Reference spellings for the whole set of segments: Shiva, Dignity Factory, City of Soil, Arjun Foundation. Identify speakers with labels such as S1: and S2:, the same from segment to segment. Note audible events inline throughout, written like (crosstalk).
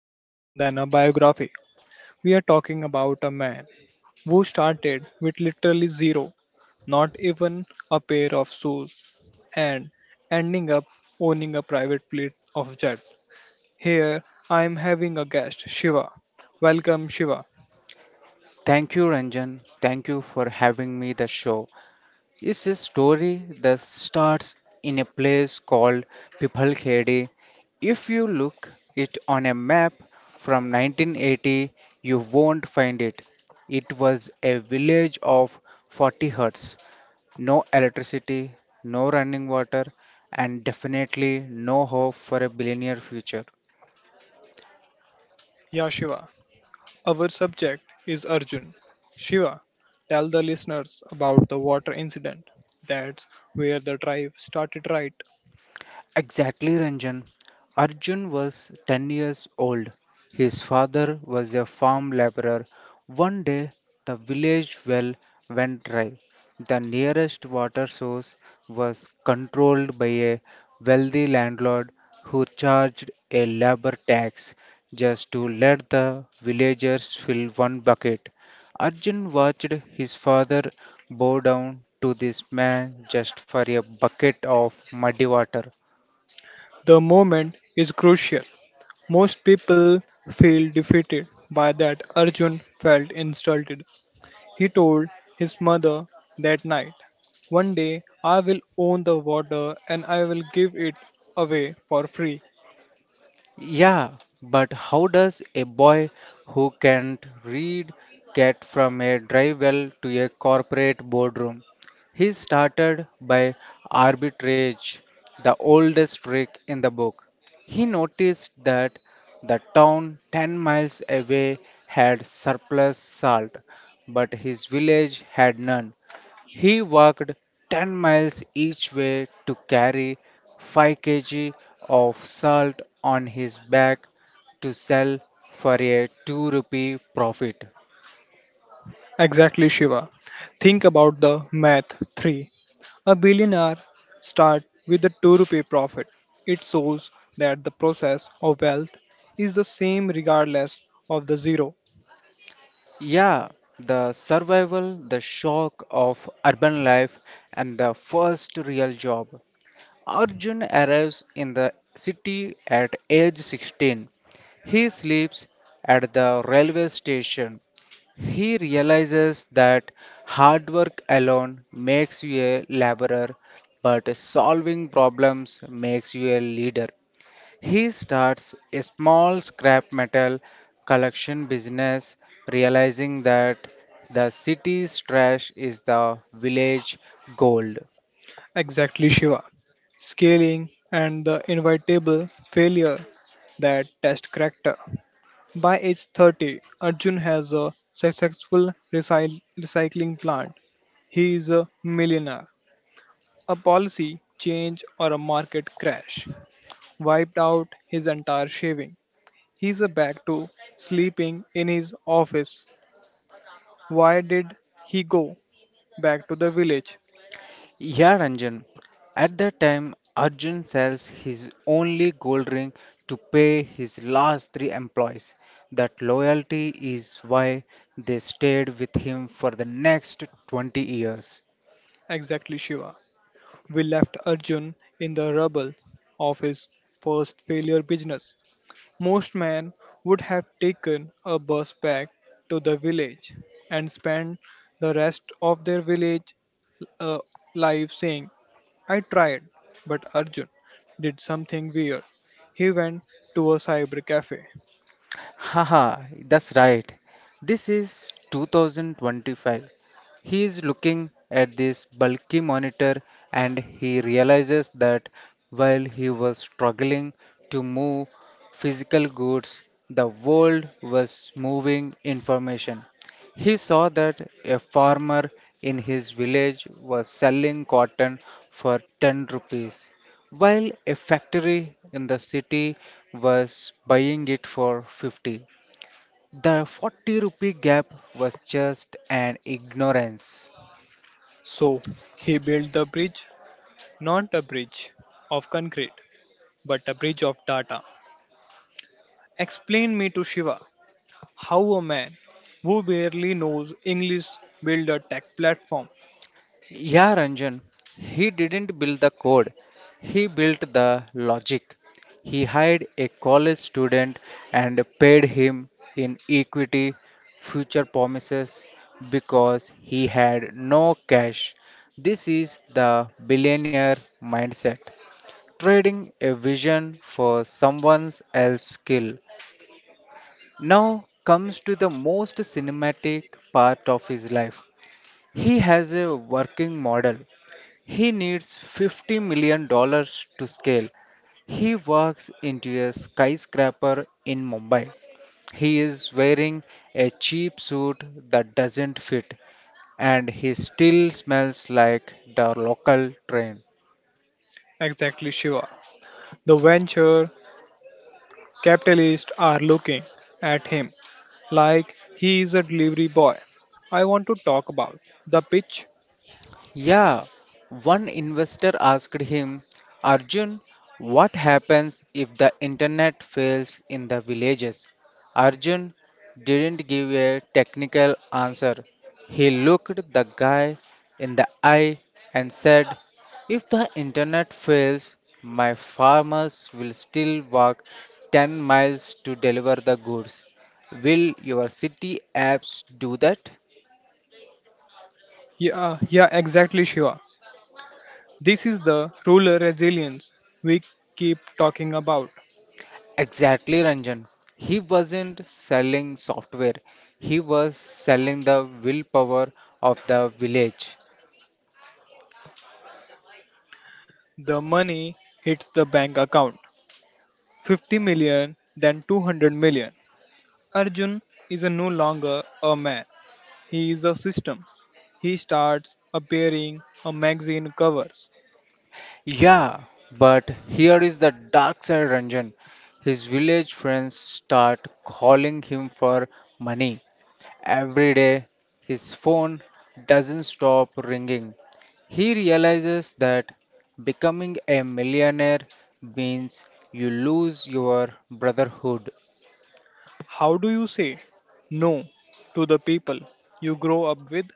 S1: myth than a biography. We are talking about a man who started with literally zero, not even a pair of shoes, and ending up owning a private fleet of jet. Here, I am having a guest, Shiva. Welcome, Shiva.
S2: Thank you, Ranjan. Thank you for having me the show. It's a story that starts in a place called Pipalkhedi. If you look it on a map from 1980, you won't find it. It was a village of 40 huts, no electricity, no running water, and definitely no hope for a billionaire future.
S1: Yeah, Shiva. Our subject is Arjun. Shiva, tell the listeners about the water incident. That's where the drive started, right?
S2: Exactly, Ranjan. Arjun was 10 years old. His father was a farm laborer. One day, the village well went dry. The nearest water source was controlled by a wealthy landlord who charged a labor tax just to let the villagers fill one bucket. Arjun watched his father bow down to this man just for a bucket of muddy water.
S1: The moment is crucial. Most people feel defeated by that. Arjun felt insulted. He told his mother that night, "One day I will own the water and I will give it away for free."
S2: Yeah, but how does a boy who can't read get from a dry well to a corporate boardroom? He started by arbitrage, the oldest trick in the book. He noticed that the town 10 miles away had surplus salt, but his village had none. He walked 10 miles each way to carry 5 kg of salt on his back to sell for a 2 rupee profit.
S1: Exactly, Shiva. Think about the math 3. A billionaire start with a 2 rupee profit. It shows that the process of wealth is the same regardless of the zero.
S2: Yeah, the survival, the shock of urban life, and the first real job. Arjun arrives in the city at age 16. He sleeps at the railway station. He realizes that hard work alone makes you a laborer, but solving problems makes you a leader. He starts a small scrap metal collection business, realizing that the city's trash is the village gold.
S1: Exactly, Shiva. Scaling and the inevitable failure that test character. By age 30, Arjun has a successful recycling plant. He is a millionaire. A policy change or a market crash wiped out his entire shaving. He's back to sleeping in his office. Why did he go back to the village?
S2: Yeah, Ranjan. At that time, Arjun sells his only gold ring to pay his last three employees. That loyalty is why they stayed with him for the next 20 years.
S1: Exactly, Shiva. We left Arjun in the rubble of his first failure business. Most men would have taken a bus back to the village and spent the rest of their village uh, life saying, "I tried," but Arjun did something weird. He went to a cyber cafe.
S2: Haha, that's right. This is 2025. He is looking at this bulky monitor and he realizes that while he was struggling to move physical goods, the world was moving information. He saw that a farmer in his village was selling cotton for 10 rupees while a factory in the city was buying it for 50. The 40 rupee gap was just an ignorance.
S1: So he built the bridge, not a bridge of concrete, but a bridge of data. Explain me to Shiva how a man who barely knows English build a tech platform.
S2: Yeah, Ranjan, he didn't build the code, he built the logic. He hired a college student and paid him in equity, future promises, because he had no cash. This is the billionaire mindset. Trading a vision for someone else's skill. Now comes to the most cinematic part of his life. He has a working model. He needs $50 million to scale. He works into a skyscraper in Mumbai. He is wearing a cheap suit that doesn't fit and he still smells like the local train.
S1: Exactly, Shiva. The venture capitalists are looking at him like he is a delivery boy. I want to talk about the pitch.
S2: Yeah, one investor asked him, "Arjun, what happens if the internet fails in the villages?" Arjun didn't give a technical answer. He looked the guy in the eye and said, "If the internet fails, my farmers will still walk 10 miles to deliver the goods. Will your city apps do that?"
S1: Yeah, yeah, exactly, Shiva. This is the rural resilience we keep talking about.
S2: Exactly, Ranjan. He wasn't selling software, he was selling the willpower of the village.
S1: The money hits the bank account, 50 million, then 200 million. Arjun is no longer a man, he is a system. He starts appearing on magazine covers.
S2: Yeah, but here is the dark side, Ranjan. His village friends start calling him for money. Every day, his phone doesn't stop ringing. He realizes that becoming a millionaire means you lose your brotherhood.
S1: How do you say no to the people you grow up with?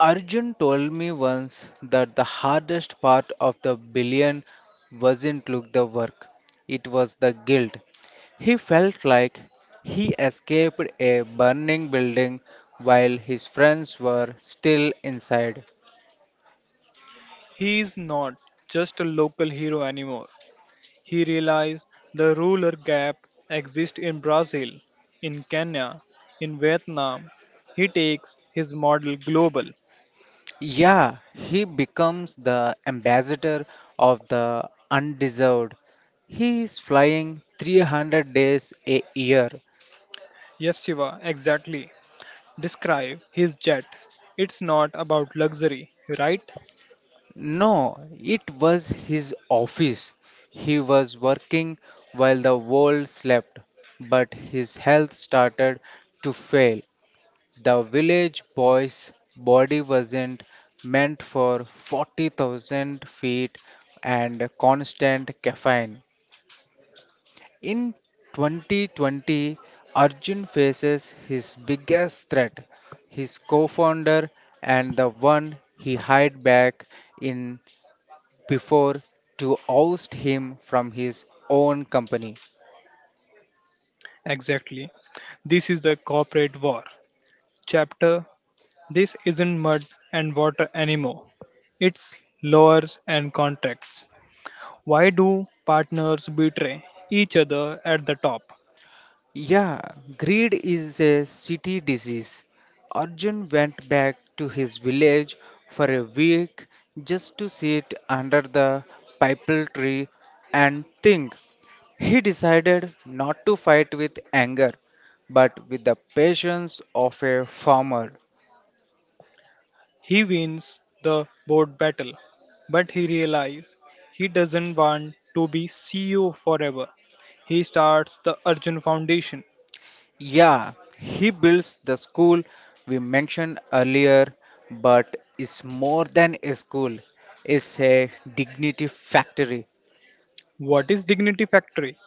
S2: Arjun told me once that the hardest part of the billion wasn't look the work, it was the guilt. He felt like he escaped a burning building while his friends were still inside.
S1: He is not just a local hero anymore. He realized the ruler gap exists in Brazil, in Kenya, in Vietnam. He takes his model global.
S2: Yeah, he becomes the ambassador of the undeserved. He is flying 300 days a year.
S1: Yes, Shiva, exactly. Describe his jet. It's not about luxury, right?
S2: No, it was his office. He was working while the world slept, but his health started to fail. The village boy's body wasn't meant for 40,000 feet and constant caffeine. In 2020, Arjun faces his biggest threat his co founder and the one he hired back in before to oust him from his own company.
S1: Exactly. This is the corporate war. Chapter. This isn't mud and water anymore. It's lures and contracts. Why do partners betray each other at the top?
S2: Yeah, greed is a city disease. Arjun went back to his village for a week just to sit under the pipal tree and think. He decided not to fight with anger, but with the patience of a farmer.
S1: He wins the board battle, but he realizes he doesn't want to be CEO forever. He starts the Arjun Foundation.
S2: Yeah, he builds the school we mentioned earlier, but it's more than a school. It's a dignity factory.
S1: What is Dignity Factory?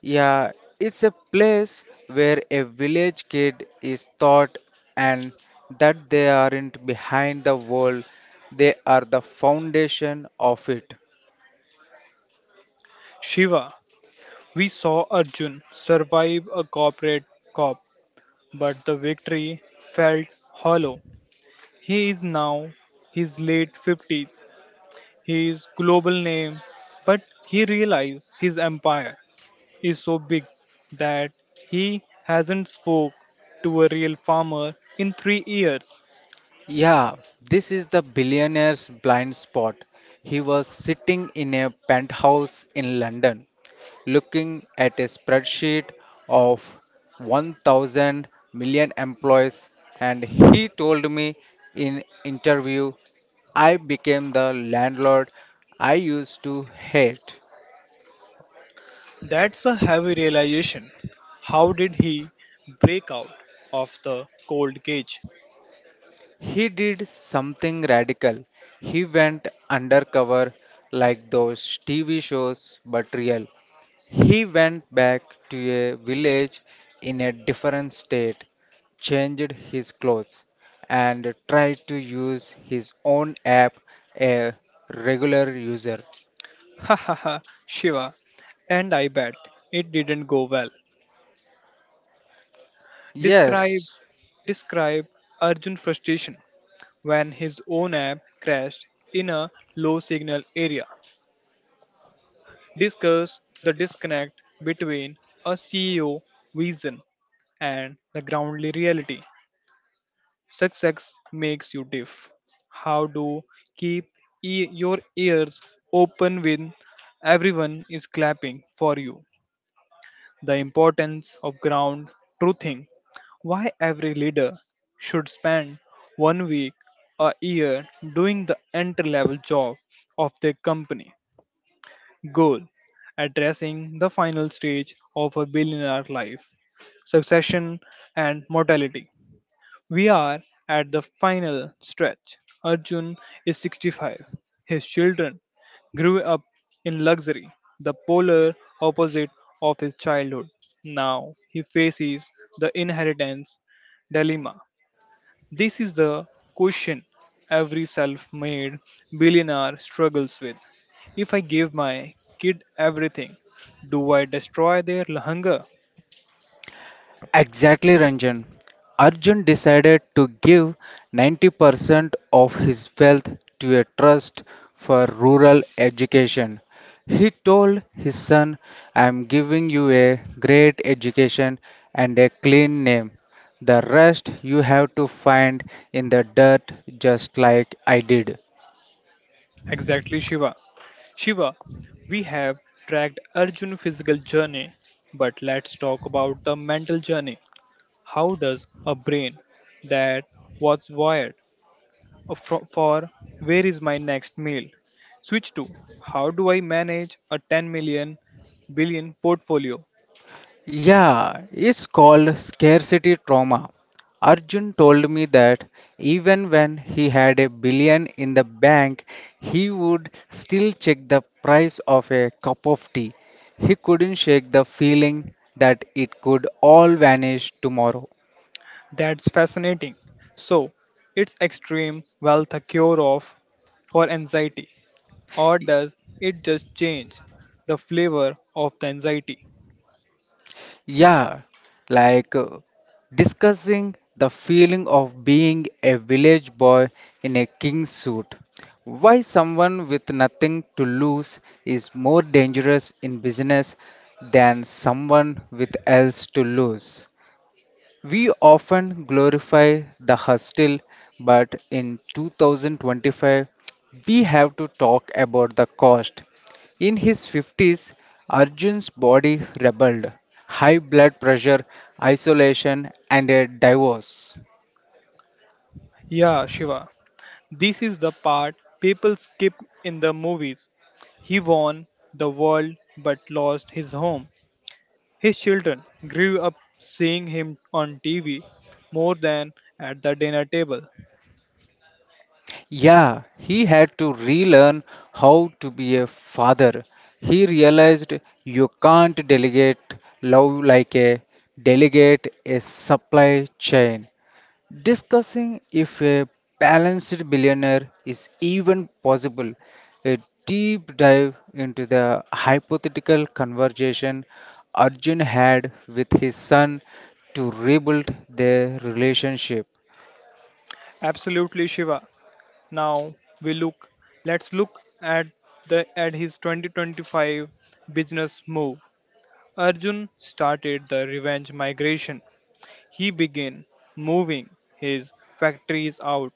S2: Yeah, it's a place where a village kid is taught and that they aren't behind the world, they are the foundation of it.
S1: Shiva. We saw Arjun survive a corporate cop, but the victory felt hollow. He is now his late 50s. He is global name, but he realized his empire is so big that he hasn't spoke to a real farmer in 3 years.
S2: Yeah, this is the billionaire's blind spot. He was sitting in a penthouse in London, looking at a spreadsheet of 1,000 million employees, and he told me in interview, "I became the landlord I used to hate."
S1: That's a heavy realization. How did he break out of the cold cage? (laughs)
S2: He did something radical. He went undercover like those TV shows, but real. He went back to a village in a different state, changed his clothes, and tried to use his own app, a regular user.
S1: Ha ha ha, Shiva. And I bet it didn't go well. Describe
S2: Yes,
S1: describe Arjun frustration when his own app crashed in a low signal area. Discuss the disconnect between a CEO vision and the groundly reality. Success makes you deaf. How to keep your ears open when everyone is clapping for you. The importance of ground truthing, why every leader should spend one week a year doing the entry level job of their company. Goal addressing the final stage of a billionaire life, succession and mortality. We are at the final stretch. Arjun is 65. His children grew up in luxury, the polar opposite of his childhood. Now he faces the inheritance dilemma. This is the question every self made billionaire struggles with. If I give my kid everything, do I destroy their hunger?
S2: exactly, Ranjan. Arjun decided to give 90% of his wealth to a trust for rural education. He told his son, "I am giving you a great education and a clean name. The rest you have to find in the dirt, just like I did."
S1: Exactly, Shiva. Shiva, we have tracked Arjun's physical journey, but let's talk about the mental journey. How does a brain that was wired for where is my next meal switch to how do I manage a 10 million billion portfolio?
S2: Yeah, it's called scarcity trauma. Arjun told me that even when he had a billion in the bank, he would still check the price of a cup of tea. He couldn't shake the feeling that it could all vanish tomorrow.
S1: That's fascinating. So, it's extreme wealth a cure of for anxiety, or does it just change the flavor of the anxiety?
S2: Yeah, like uh, discussing the feeling of being a village boy in a king suit. Why someone with nothing to lose is more dangerous in business than someone with else to lose. We often glorify the hustle, but in 2025, we have to talk about the cost. In his 50s, Arjun's body rebelled high blood pressure, isolation, and a divorce.
S1: Yeah, Shiva. This is the part people skip in the movies. He won the world but lost his home. His children grew up seeing him on TV more than at the dinner table.
S2: Yeah, he had to relearn how to be a father. He realized you can't delegate love like a delegate a supply chain. Discussing if a balanced billionaire is even possible. A deep dive into the hypothetical conversation Arjun had with his son to rebuild their relationship.
S1: Absolutely, Shiva. Now we look. Let's look at his 2025 business move. Arjun started the revenge migration. He began moving his factories out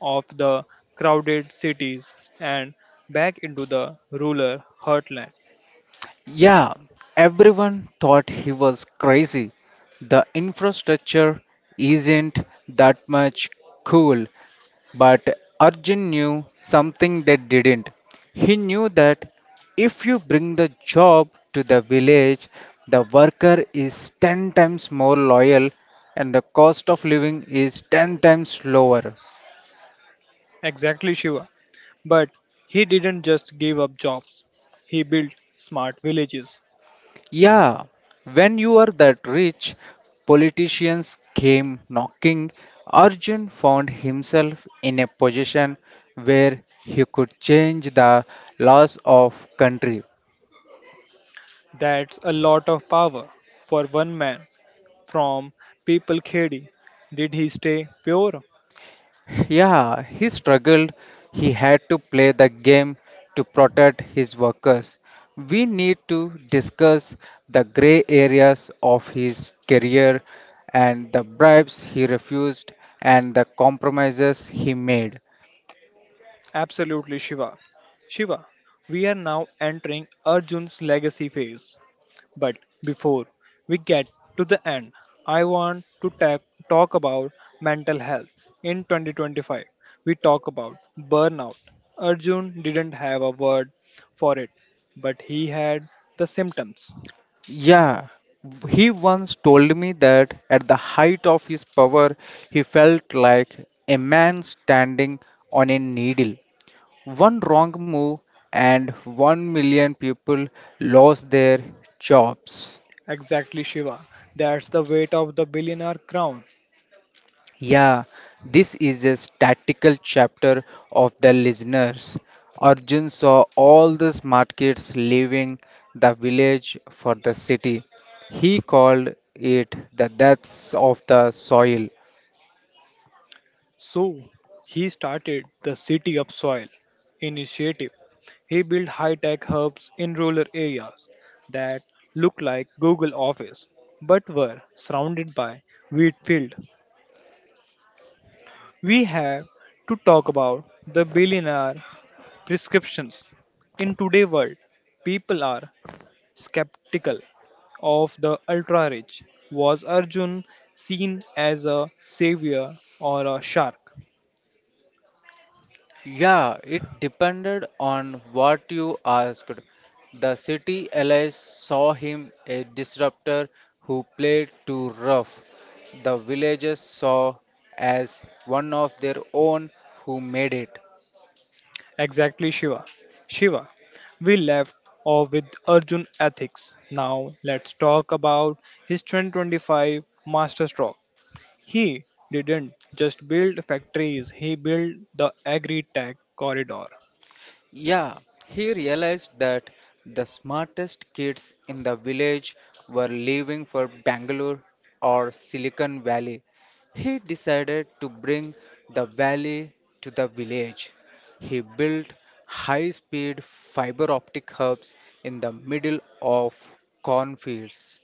S1: of the crowded cities and back into the rural heartland.
S2: Yeah, everyone thought he was crazy. The infrastructure isn't that much cool, but Arjun knew something they didn't. He knew that if you bring the job to the village, the worker is 10 times more loyal and the cost of living is 10 times lower.
S1: Exactly, Shiva. But he didn't just give up jobs, he built smart villages.
S2: Yeah, when you are that rich, politicians came knocking. Arjun found himself in a position where he could change the laws of country.
S1: That's a lot of power for one man. From people Khedi, did he stay pure?
S2: Yeah, he struggled. He had to play the game to protect his workers. We need to discuss the gray areas of his career and the bribes he refused and the compromises he made.
S1: Absolutely, Shiva. Shiva, we are now entering Arjun's legacy phase. But before we get to the end, I want to talk about mental health. In 2025, we talk about burnout. Arjun didn't have a word for it, but he had the symptoms.
S2: Yeah, he once told me that at the height of his power, he felt like a man standing on a needle. One wrong move, and 1 million people lost their jobs.
S1: Exactly, Shiva. That's the weight of the billionaire crown.
S2: Yeah, this is a statical chapter of the listeners. Arjun saw all the smart kids leaving the village for the city. He called it the deaths of the soil.
S1: So he started the City of Soil initiative. He built high-tech hubs in rural areas that looked like Google Office but were surrounded by wheat field. We have to talk about the billionaire prescriptions. In today's world, people are skeptical of the ultra rich. Was Arjun seen as a savior or a shark?
S2: Yeah, it depended on what you asked. The city allies saw him a disruptor who played too rough. The villagers saw as one of their own who made it.
S1: Exactly, Shiva. Shiva, we left off with Arjun ethics. Now let's talk about his 2025 masterstroke. He didn't just build factories, he built the agri tech corridor.
S2: Yeah, he realized that the smartest kids in the village were leaving for Bangalore or Silicon Valley. He decided to bring the valley to the village. He built high speed fiber optic hubs in the middle of cornfields.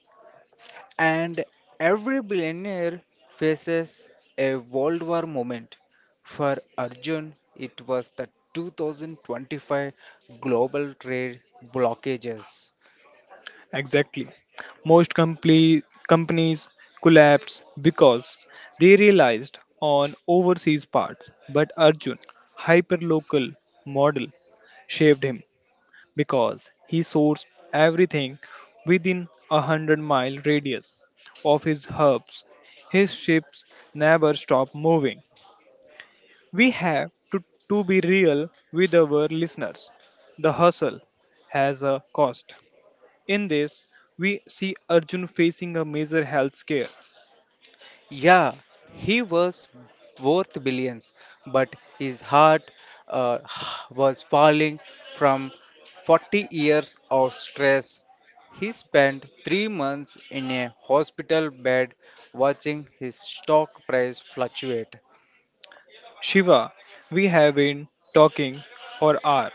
S2: And every billionaire faces a World War moment. For Arjun, it was the 2025 global trade blockages.
S1: Exactly. Most companies collapsed because they realized on overseas parts, but Arjun hyperlocal model saved him because he sourced everything within 100 mile radius of his hubs. His ships never stop moving. We have to be real with our listeners. The hustle has a cost. In this, we see Arjun facing a major health scare.
S2: Yeah, he was worth billions, but his heart uh, (sighs) was falling from 40 years of stress. He spent 3 months in a hospital bed watching his stock price fluctuate.
S1: Shiva, we have been talking for hours.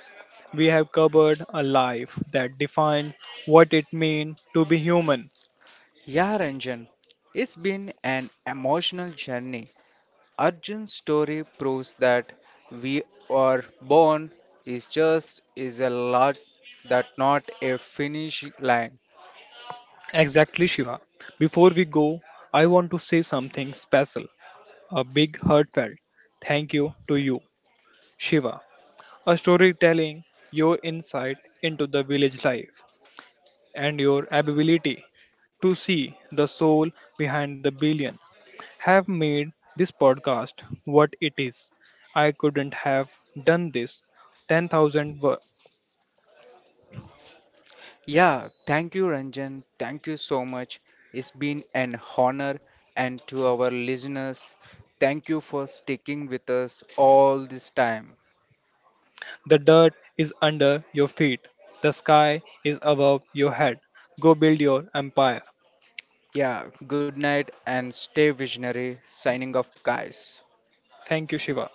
S1: We have covered a life that defined what it means to be human.
S2: Yeah, Ranjan, it's been an emotional journey. Arjun's story proves that we are born is just is a lot that not a finish line.
S1: Exactly, Shiva. Before we go, I want to say something special, a big heartfelt thank you to you, Shiva, a storytelling your insight into the village life and your ability to see the soul behind the billion have made this podcast what it is. I couldn't have done this 10,000 words.
S2: Yeah, thank you, Ranjan. Thank you so much. It's been an honor, and to our listeners, thank you for sticking with us all this time.
S1: The dirt is under your feet, the sky is above your head. Go build your empire.
S2: Yeah, good night and stay visionary. Signing off, guys.
S1: Thank you, Shiva.